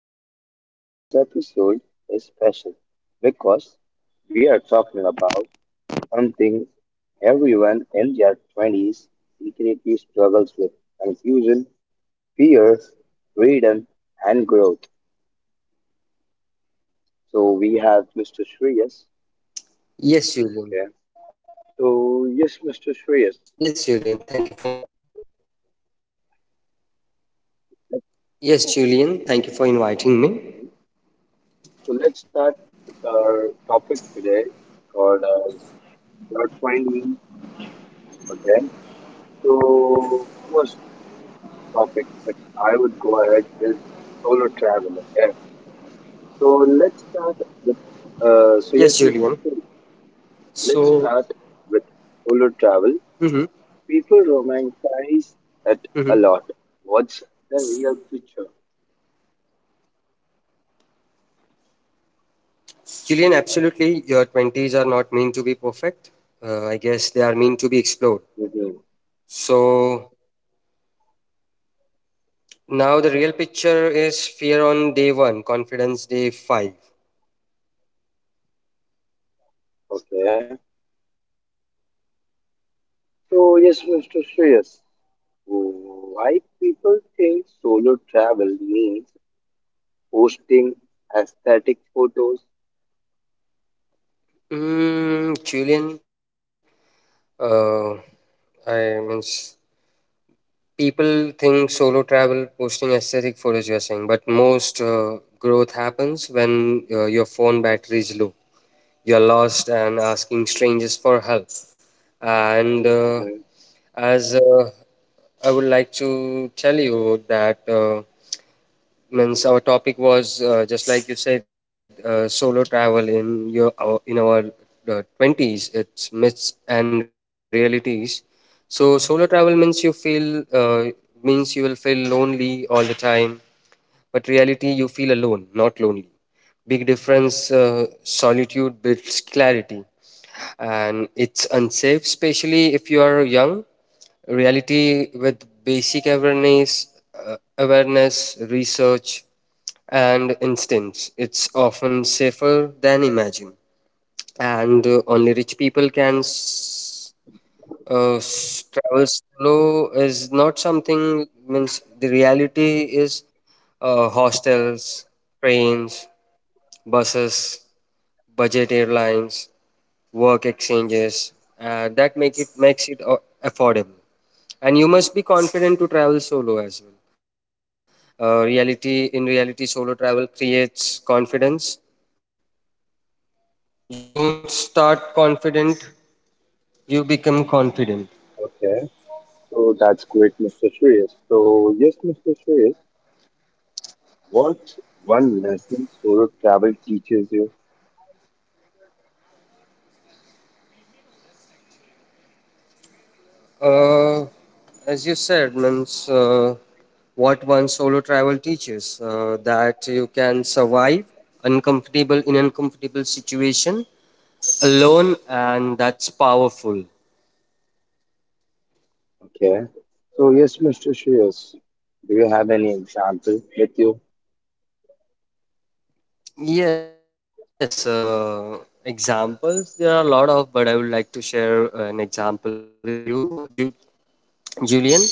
podcast. Today's episode is special because we are talking about something everyone in their 20s secretly struggles with confusion, fear, freedom, and growth. So we have Mr. Shreyas. Yes, Julian. Okay. So, Yes, yes, Julian. Mr. Thank you for Shreyas. in- Yes, Julian. Let's Thank you for inviting me. begin. So, let's start with our topic today called Not finding. Okay. So first topic that I would go ahead is solo travel. Okay. So let's start Yes, with. Julian. Uh, so yes, yes, yes, yes. So, Let's start with mm-hmm, solo travel. People mm-hmm. romanticize it a lot. What's the real picture? Julian, absolutely. Your 20s are not meant to be perfect. I guess they are meant to be explored. hmm So now the real picture is fear on day one, confidence day five. Okay. So yes, Mr. Shreyas, why people think solo travel means posting aesthetic photos? Julian, uh, I mean, people think solo travel posting aesthetic photos, you're saying, but most growth happens when your phone battery is low. You're lost and asking strangers for help. And Mhm. as I would like to tell you that. Means Our topic was just like you said, solo travel in in our 20s, it's myths and realities. So solo travel means you will feel lonely all the time, but reality, you feel alone, not lonely. Big difference. Solitude builds clarity. And it's unsafe, especially if you are young. Reality, with basic awareness, uh, research and instincts, it's often safer than imagine. And Only rich people can travel solo is not something. Means The reality is hostels, trains, buses, budget airlines, work exchanges, that make it makes it affordable. And you must be confident to travel solo as well. Reality in reality, solo travel creates confidence. You don't start confident, you become confident. Okay. So that's great, Mr. Shreyas. So, yes, Mr. Shreyas, what one lesson solo travel teaches you? Uh, as you said, means what one solo travel teaches, that you can survive uncomfortable in uncomfortable situation alone, and that's powerful. Okay. So, yes, Mr. Shreyas, do you have any example with you? Yes, examples there are a lot of, but I would like to share an example with you, Julian.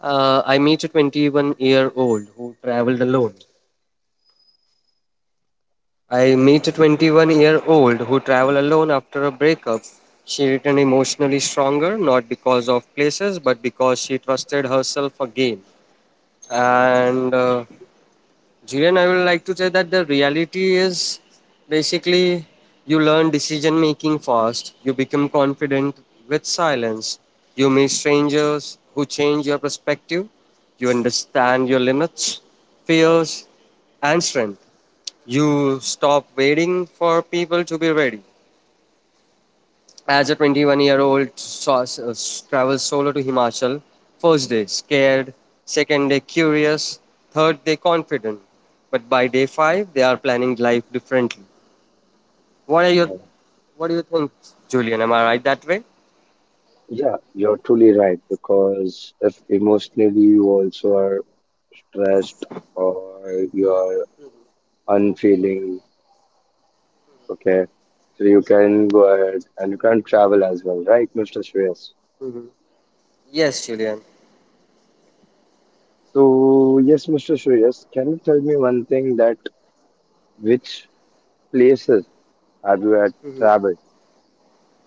I meet a 21-year-old who traveled alone I meet a 21-year-old who traveled alone after a breakup. She returned emotionally stronger, not because of places, but because she trusted herself again. And Julian, I would like to say that the reality is basically, you learn decision making fast, you become confident with silence, you meet strangers who change your perspective, you understand your limits, fears, and strength. You stop waiting for people to be ready. As a 21-year-old, travels solo to Himachal. First day, scared. Second day, curious. Third day, confident. But by day five, they are planning life differently. What are your Yeah, What do you think, Julian? Am I right that way? yeah, you're truly right because if emotionally you also are stressed or you are unfeeling, okay, so you can go ahead and you can travel as well, right, Mr. Shreyas? Yes, Julian. So, yes, Mr. Shreyas, can you tell me one thing that which places have you had traveled?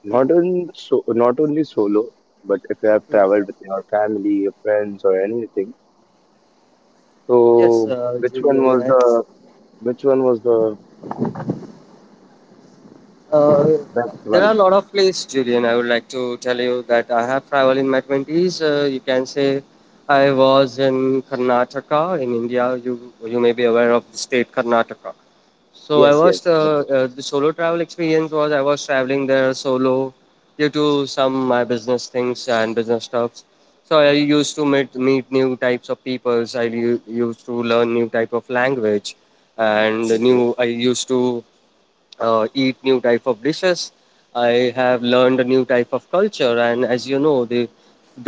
Not on so not only solo, but if you have traveled with your family, your friends, or anything. Yes, So which one Julian. was As the which one was the Uh, best there are a one? lot of places, Julian. I would like to tell you that I have traveled in my 20s. You can say I was in Karnataka in India. You may be aware of the state Karnataka. So I Yes, yes. was Okay, the solo travel experience was, I was traveling there solo due to some my business things and business stuffs. So I used to meet new types of peoples. I used to learn new type of language, and okay. new I used to eat new type of dishes. I have learned a new type of culture, and as you know,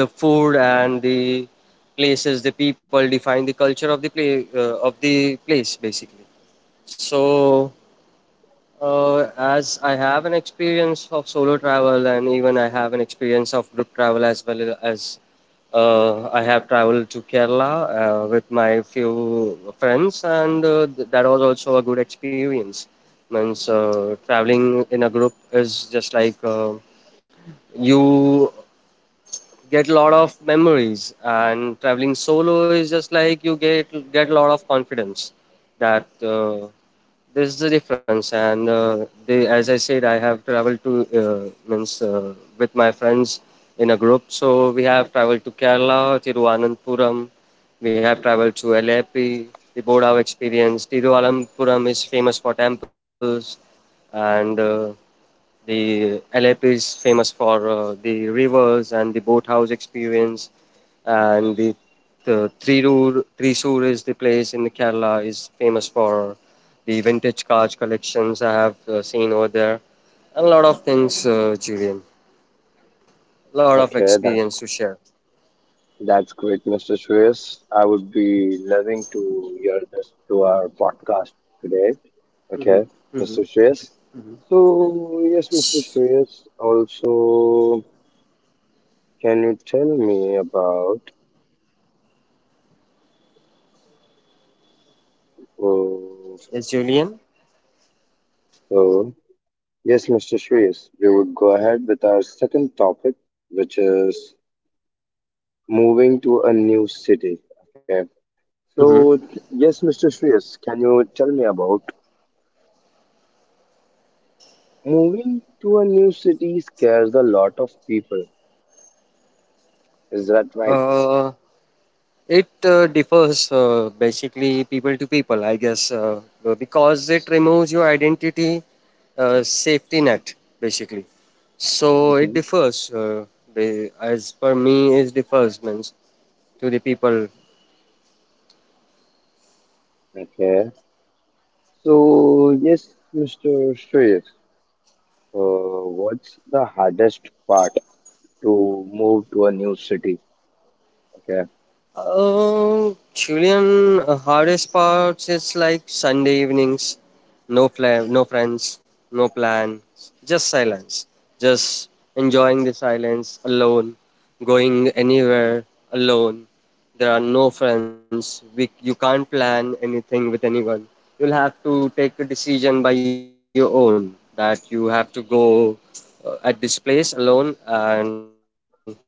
the food and the places, the people define the culture of the place basically. So. As I have an experience of solo travel, and even I have an experience of group travel as well. As I have traveled to Kerala with my few friends, and that was also a good experience. Means Traveling in a group is just like, you get a lot of memories, and traveling solo is just like you get a lot of confidence. That this is the difference. And as I said, I have traveled to, uh, means with my friends in a group, so we have traveled to Kerala, Tiruvananthapuram. We have traveled to Alleppey, the Bodhav experience. Tiruvananthapuram is famous for temples, and the LAP is famous for the rivers and the boathouse experience. And the Thrissur is the place in Kerala, is famous for the vintage cars collections I have seen over there. And a lot of things, Julian. A lot of Okay, that's experience to share. that's great, Mr. Shreyas. I would be loving to hear this to our podcast today. Okay, Hmm. Mr. Shreyas. So yes, Mr. Shreyas. Also, can you tell me about? Oh uh, Yes, Julian. so, yes, Mr. Shreyas, we would go ahead with our second topic, which is moving to a new city. Okay. Mm-hmm. So, yes, Mr. Shreyas, can you tell me about moving to a new city scares a lot of people? Is that right? Uh, It differs, basically people to people, I guess, because it removes your identity, safety net basically. So it Mhm. differs. As per me, it differs, means to the people. Okay. So, yes, Mr. Shreyas, what's the hardest part to move to a new city? Okay. Julian, hardest parts is like Sunday evenings, no friends, no plan, just silence, just enjoying the silence alone, going anywhere alone. There are no friends. You can't plan anything with anyone. You'll have to take a decision by your own, that you have to go at this place alone, and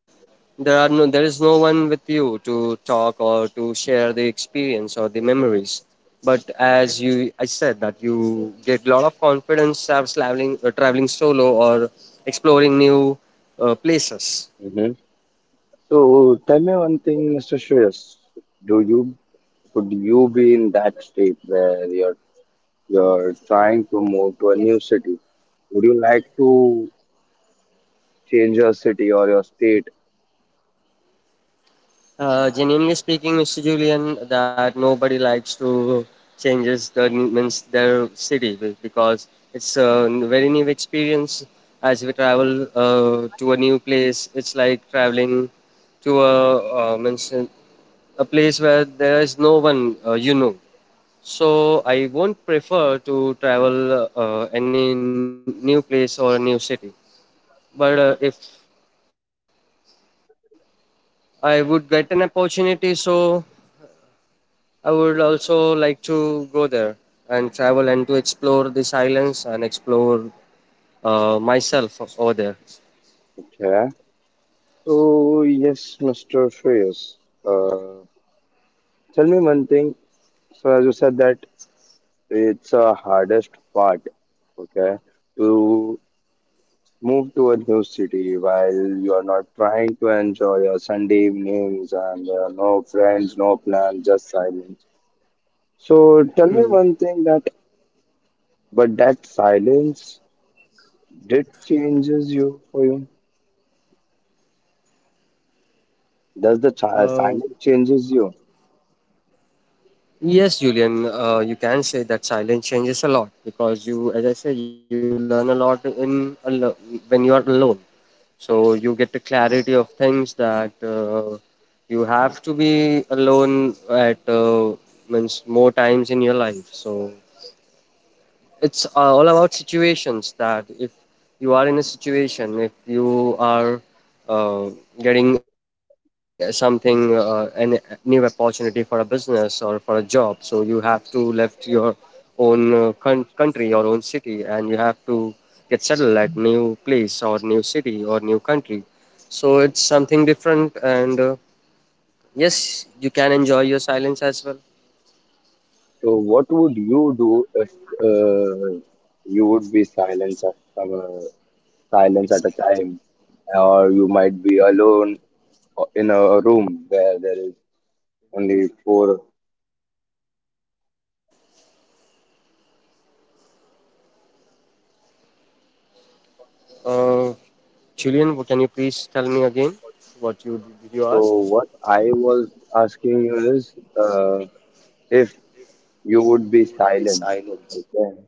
there are there is no one with you to talk or to share the experience or the memories. But as you, I said that you get a lot of confidence, as traveling, traveling solo or exploring new places. Mm-hmm. So tell me one thing, Mr. Shreyas. Do you could you be in that state where you're trying to move to a new city? Would you like to change your city or your state? Genuinely speaking, Mr. Julian, that nobody likes to changes the means their city, because it's a very new experience. As we travel to a new place, it's like traveling to a, means a place where there is no one, you know. So I won't prefer to travel any new place or a new city. But if I would get an opportunity, so I would also like to go there and travel and to explore these islands and explore myself over there. Okay. So yes, Mr. Shreyas. Uh, Tell me one thing. So as you said that it's a hardest part. Okay. To move to a new city while you are not trying to enjoy your Sunday evenings and no friends, no plan, just silence. So tell me Mhm. one thing that, but that silence did changes you for you. Does the silence Uh, changes you? yes, Julian, you can say that silence changes a lot, because you, as I said, you learn a lot in when you are alone. So you get the clarity of things, that you have to be alone at, means more times in your life. So it's all about situations, that if you are in a situation, if you are uh, getting something, an new opportunity for a business or for a job, so you have to left your own, country, your own city, and you have to get settled at new place or new city or new country. So it's something different, and yes, you can enjoy your silence as well. So what would you do if uh, you would be silence at a time, or you might be alone or in a room where there is only four. Uh, Julian, can you please tell me again, what you did you So ask? what I was asking you is, uh, if you would be You would be silenced, silent. okay,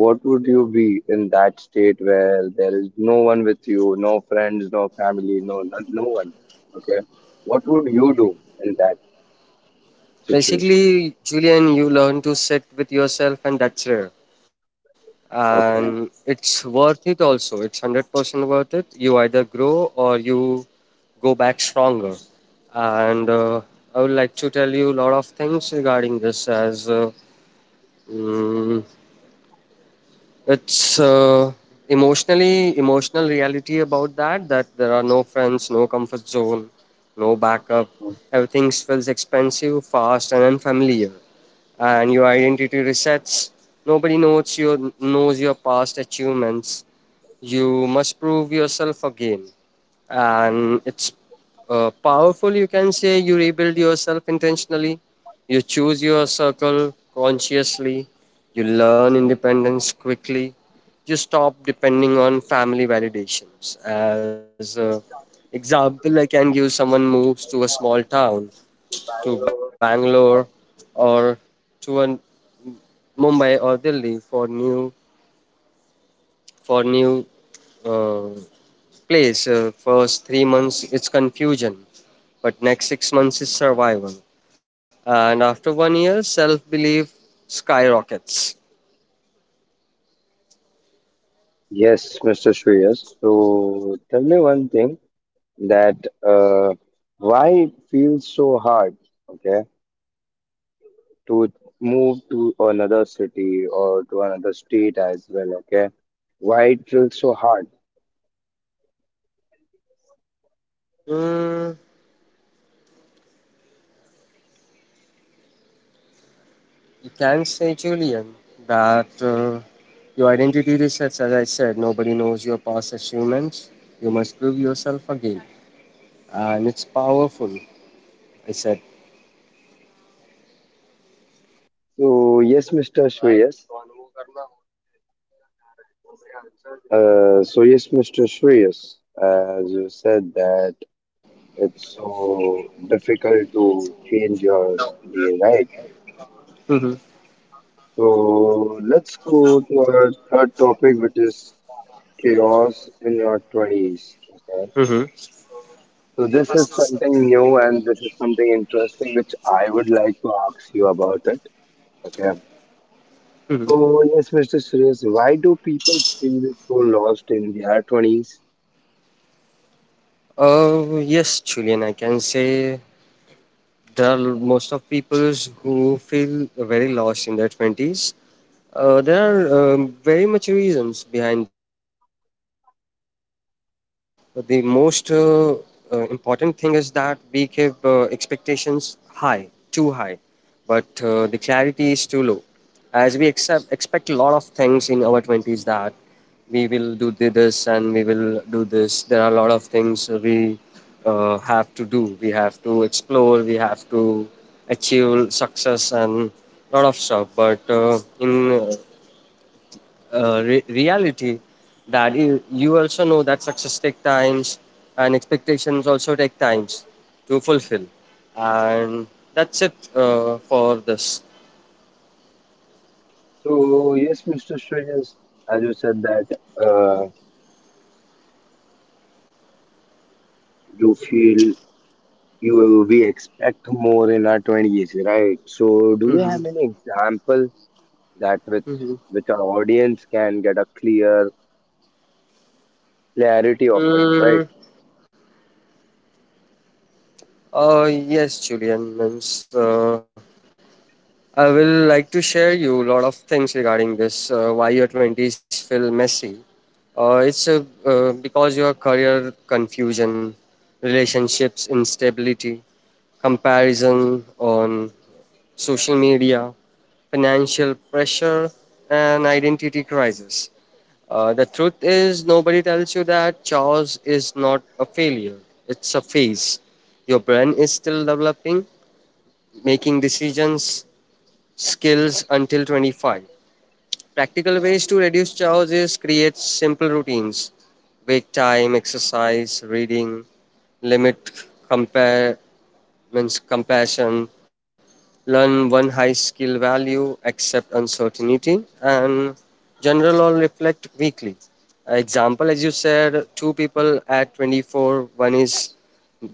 what would you be in that state where there is no one with you, no friends, no family, no one, okay? What would you do in that situation? Basically, Julian, you learn to sit with yourself, and that's rare. Okay. And it's worth it. Also, it's 100% worth it. You either grow or you go back stronger. And I would like to tell you a lot of things regarding this. As, mm, it's emotionally, emotional reality about that, that there are no friends, no comfort zone, no backup. Everything feels expensive, fast, and unfamiliar. And your identity resets. Nobody knows your past achievements. You must prove yourself again. And it's powerful, you can say. You rebuild yourself intentionally. You choose your circle consciously. You learn independence quickly. You stop depending on family validations. As a example, I can give, someone moves to a small town, to Bangalore, or to an Mumbai or Delhi for new uh, place. First 3 months, it's confusion, but next 6 months is survival, and after one year, self-belief skyrockets. Yes, Mr. Shreyas. So tell me one thing that uh, why it feels so hard, okay? To move to another city or to another state as well. Okay, why it feels so hard? Mm, you can say, Julian, that your identity resets. As I said, nobody knows your past achievements. You must prove yourself again, and it's powerful. I said. So yes, Mr. Shreyas. So yes, Mr. Shreyas, as you said that it's so difficult to change your day, right? Mm-hmm. So let's go to our third topic, which is chaos in your twenties. Okay. So this is Mm-hmm. something new and this is something interesting which I would like to ask you about it. Okay. So, yes, Mr. Suresh, why do people feel so lost in their 20s? Oh yes, Julian. I can say there are most of people who feel very lost in their 20s. There are very much reasons behind that, but the most important thing is that we keep expectations high, too high, but the clarity is too low. As we accept, expect a lot of things in our 20s, that we will do this, and we will do this. There are a lot of things we, have to do. We have to explore, we have to achieve success, and a lot of stuff. But in reality, that you also know that success take times, and expectations also take times to fulfill. And that's it, for this. So, yes, Mr. Suresh, as you said that uh, you feel you we expect more in our 20s, right? So, do you Mm-hmm. have any example that with Mm-hmm. which our audience can get a clear clarity of it, right? Mm, yes, Julian. I will like to share you a lot of things regarding this, why your 20s feel messy. Because your career confusion, relationships instability, comparison on social media, financial pressure, and identity crisis. The truth is, nobody tells you that chaos is not a failure, it's a phase. Your brain is still developing, making decisions, skills until 25. Practical ways to reduce chores is create simple routines, wake time, exercise, reading, limit compare, means compassion, learn one high skill value, accept uncertainty, and general or reflect weekly. Example, as you said, two people at 24, one is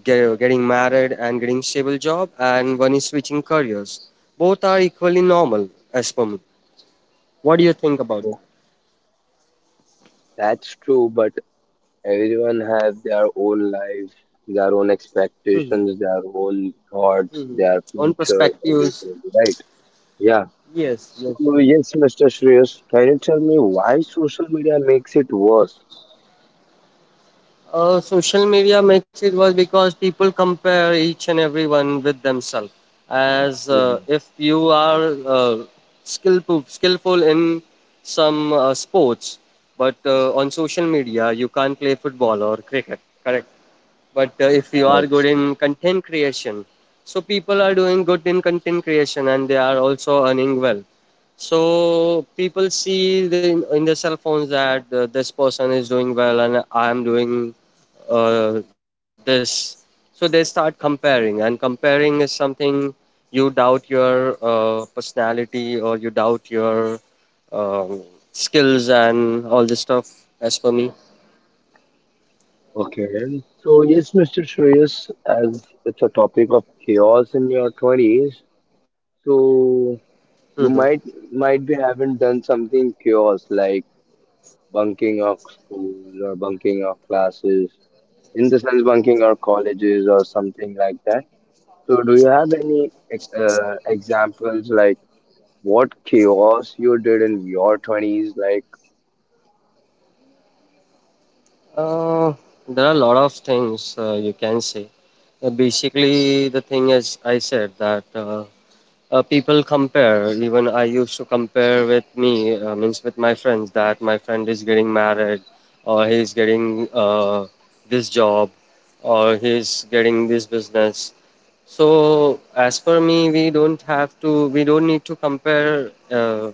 getting married and getting stable job, and one is switching careers. Both are equally normal as per me. What do you think about So, that? that's true, but everyone has their own life, their own Hmm. expectations, their own thoughts, Hmm. their On future, perspectives, everything, right? Yeah. yes, yes, So, yes. yes, Mr. Shreyas, can you tell me why social media makes it worse? Social media makes it worse because people compare each and everyone with themselves. As Mhm. if you are skillful in some sports, but on social media you can't play football or cricket. Correct. But if you are good Yes. in content creation, so people are doing good in content creation and they are also earning well. So people see in their cell phones that this person is doing well and I am doing this. So they start comparing, and comparing is something you doubt your personality or you doubt your um, skills and all this stuff, as per me. Okay. So, yes, Mr. Shreyas, as it's a topic of chaos in your 20s, so Hmm. you might be haven't done something chaos like bunking of school or bunking of classes in the sense bunking or colleges or something like that. So, do you have any examples like what chaos you did in your 20s? Like, Uh, there are a lot of things you can say. Basically, the thing is, I said that people compare. Even I used to compare with me, means with my friends, that my friend is getting married, or he is getting this job, or he is getting this business. So, as per me, we don't need to compare.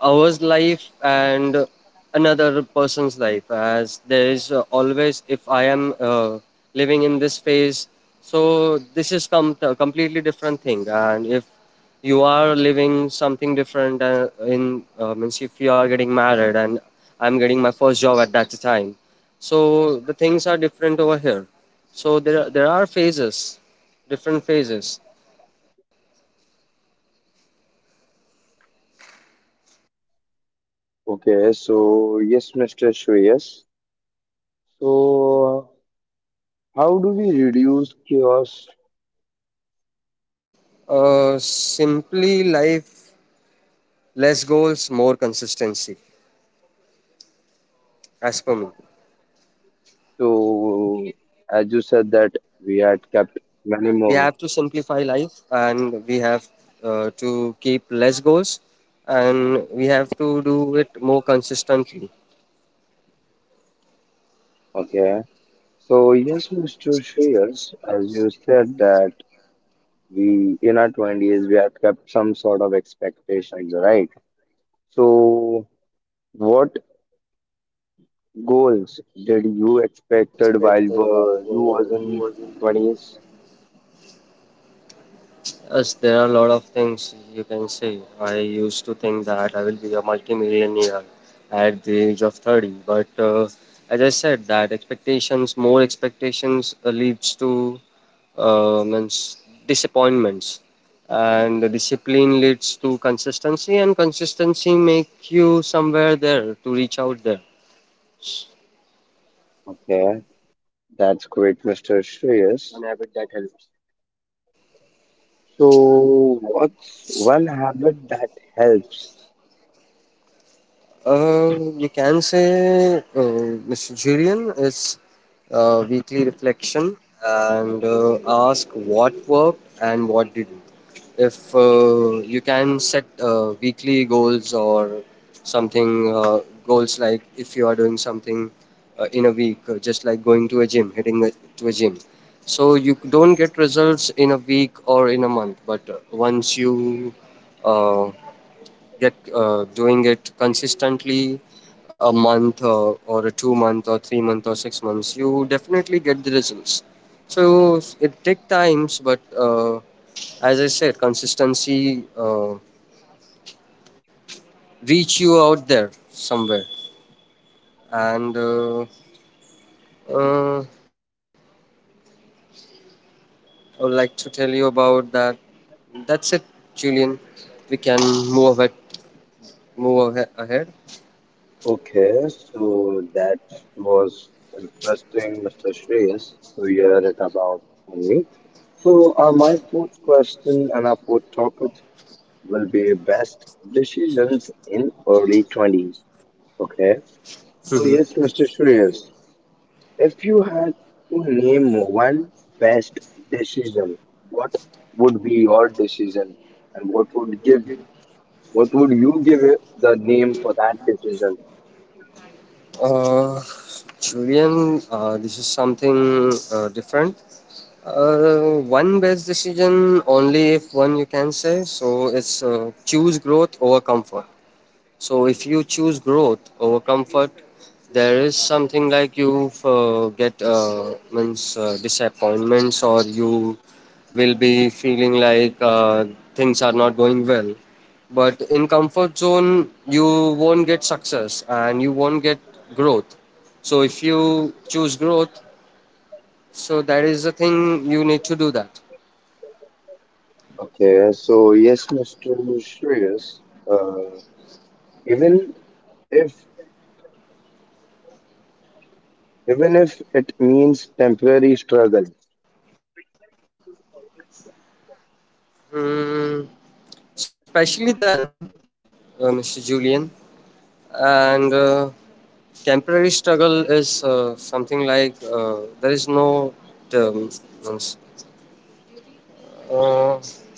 Ours life and another person's life, as there is always, if I am living in this phase, so this is a completely different thing, and if you are living something different in means, if you are getting married and I'm getting my first job at that time, so the things are different over here. So there are phases, different phases. okay, so yes, Mr. Shreyas. So, how do we reduce chaos? Simply life, less goals, more consistency, as per me. So, as you said that we had kept We have to many more. simplify life, and we have to keep less goals, and we have to do it more consistently. Okay. So, yes, Mr. Shreyas, as you said that we in our 20s we had kept some sort of expectations, right? So, what goals did you expected while were you was in 20s? Yes, there are a lot of things you can say. I used to think that I will be a multimillionaire at the age of 30, but as I said, that expectations, more expectations leads to means disappointments, and the discipline leads to consistency, and consistency make you somewhere there to reach out there. Okay, that's great, Mr. Shreyas. So, what's one habit that helps? Uh, you can say Mr. Julian is weekly reflection, and ask what worked and what didn't. If you can set weekly goals or something, goals like if you are doing something in a week, just like going to a gym, to a gym. So you don't get results in a week or in a month, but once you uh, get doing it consistently a month or a 2 month or 3 month or 6 months, you definitely get the results. So it take times, but uh, as I said, consistency reach you out there somewhere. And uh, I would like to tell you about that. That's it, Julian. We can move ahead, ahead. Okay, so that was interesting, Mr. Shreyas, to hear it about from you. So, my fourth question and our fourth topic will be best decisions in early 20s. Okay. So yes, Mr. Shreyas, if you had to name one best decision, what would be your decision, and what would you give it the name for that decision? Uh, Julian, this is something different. One best decision only if one you can say. So it's choose growth over comfort. So if you choose growth over comfort, there is something like you get means disappointments, or you will be feeling like things are not going well. But in comfort zone, you won't get success and you won't get growth. So if you choose growth, so that is the thing you need to do that. Okay, so yes, Mr. Shreyas, uh, even if even if it means temporary struggle. Mm, especially then, Mr. Julian. And temporary struggle is something like there is no term, means. Uh,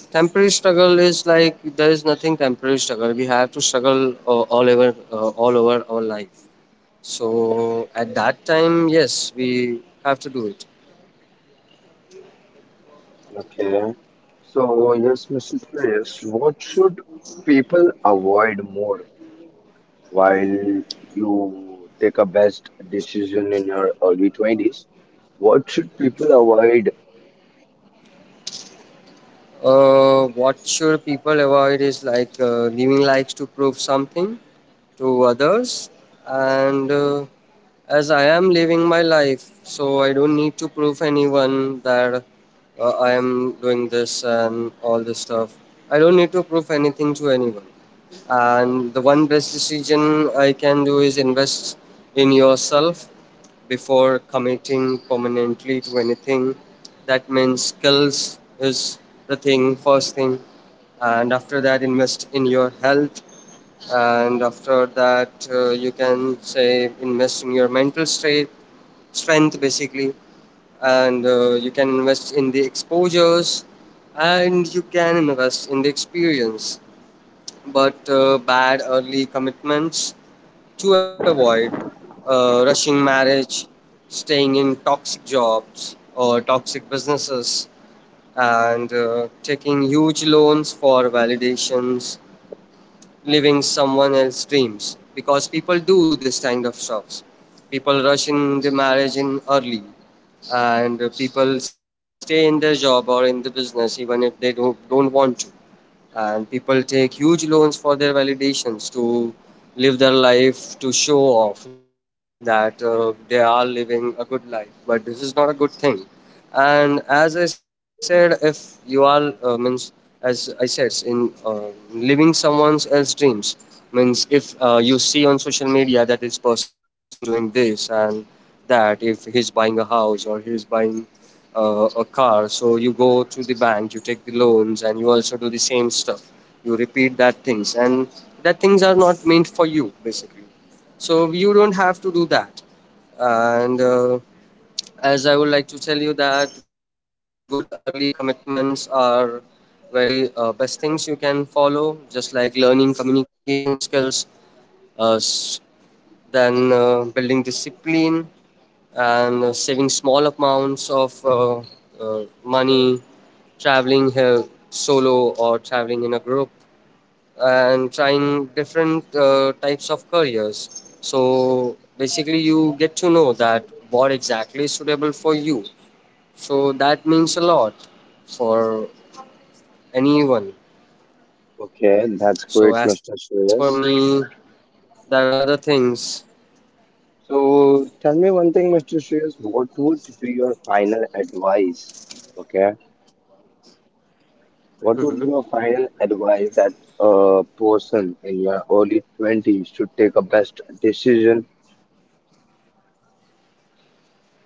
temporary struggle is like there is nothing temporary struggle. We have to struggle all over our life. So at that time, yes, we have to do it. Okay, so yes, Mr. Shreyas, what should people avoid more? While you take a best decision in your early 20s, what should people avoid? What should people avoid is like giving likes to prove something to others. And as I am living my life, so I don't need to prove anyone that I am doing this and all this stuff. I don't need to prove anything to anyone. And the one best decision I can do is invest in yourself before committing permanently to anything. That means skills is the thing, first thing. And after that, invest in your health. And after that, you can say invest in your mental state, strength basically. And you can invest in the exposures, and you can invest in the experience, but bad early commitments to avoid rushing marriage, staying in toxic jobs or toxic businesses, and taking huge loans for validations, living someone else's dreams, because people do this kind of stuff. People rush in the marriage in early, and people stay in their job or in the business even if they don't want to. And people take huge loans for their validations to live their life, to show off that they are living a good life, but this is not a good thing. And as I said, if you are means, as I said, in uh, living someone else's dreams, means if you see on social media that this person is doing this and that, if he's buying a house or he's buying a car, so you go to the bank, you take the loans, and you also do the same stuff, you repeat that things, and that things are not meant for you basically, so you don't have to do that. And as I would like to tell you that good early commitments are very best things you can follow, just like learning communication skills, uh, s- then building discipline, and saving small amounts of money, traveling here solo or traveling in a group, and trying different types of careers. So basically, you get to know that what exactly is suitable for you. So that means a lot for anyone. Okay, that's So great, as Mr. for me, Shreyas. that are the things. So tell me one thing, Mr. Shreyas, what would be your final advice? Okay, Mhm. what would be your final advice that a person in your early 20s should take a best decision?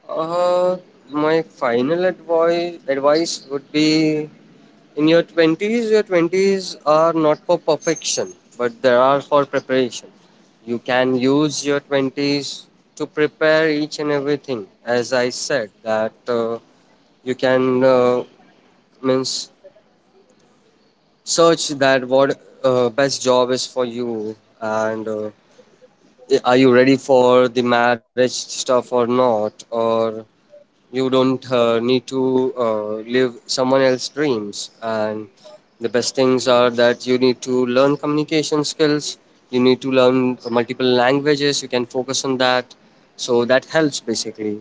Uh, my final advice would be, in your 20s, your 20s are not for perfection, but they are for preparation. You can use your 20s to prepare each and everything. As I said that you can means search that what best job is for you. And are you ready for the marriage stuff or not, or you don't need to live someone else's dreams. And the best things are that you need to learn communication skills, you need to learn multiple languages, you can focus on that, so that helps basically.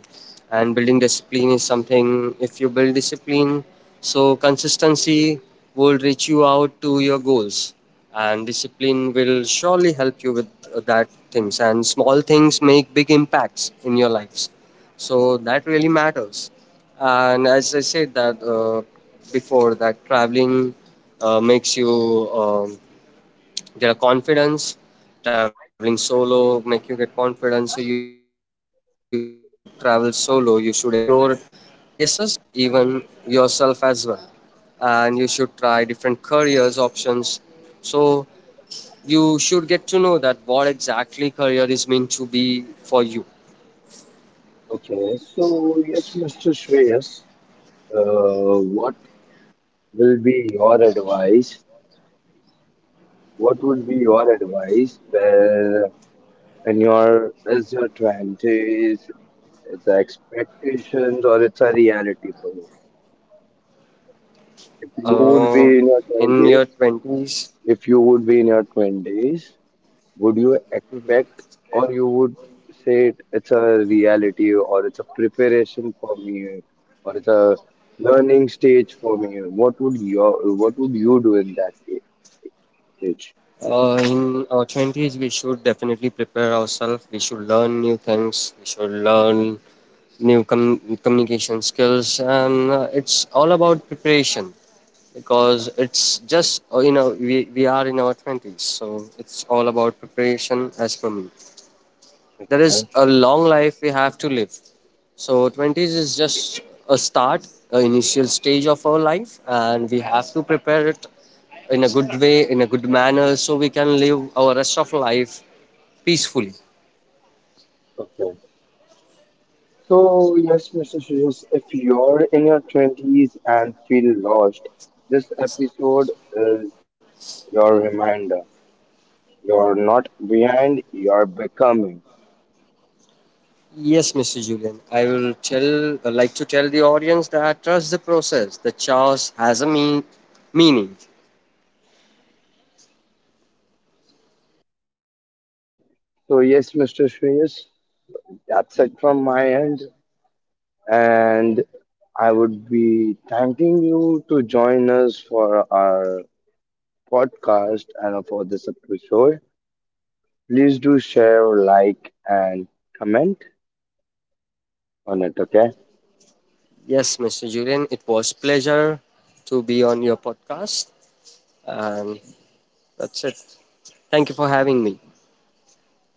And building discipline is something. If you build discipline, so consistency will reach you out to your goals, and discipline will surely help you with that things. And small things make big impacts in your lives, so that really matters. And as I said that before that, traveling makes you um, get a confidence. Traveling solo make you get confidence, so you should travel solo, you should explore places even yourself as well. And you should try different careers options, so you should get to know that what exactly career is meant to be for you Okay, so yes, Mr. Shreyas, uh, what will be your advice What would be your advice where when your is your twenties, it's a expectations or it's a reality for you? If you would be uh, in your in your twenties, 20s. If you would be in your twenties, would you expect or you would say it, it's a reality or it's a preparation for me or it's a learning stage for me? What would your what would you do in that stage? In our 20s, we should definitely prepare ourselves. We should learn new things. We should learn new communication skills. And it's all about preparation, because it's just, we are in our 20s. So it's all about preparation. As for me, there is a long life we have to live. So 20s is just a start, a initial stage of our life, and we have to prepare it in a good way, in a good manner, so we can live our rest of life peacefully. Okay. So, yes, Mr. Sujas, if you're in your 20s and feel lost, this episode is your reminder. You're not behind, you're becoming. Yes, Mr. Julian, I will tell, like to tell the audience that trust the process. The chaos has a meaning. So, so yes, Mr. Sujas, that's it from my end. And I would be thanking you to join us for our podcast and for this episode. Please do share, like, and comment on it, okay? Yes, Mr. Julian, it was pleasure to be on your podcast, and that's it. Thank you for having me.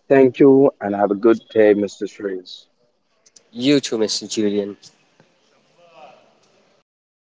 Thank you and have a good day, Mr. Shreyas. You too, Mr. Julian.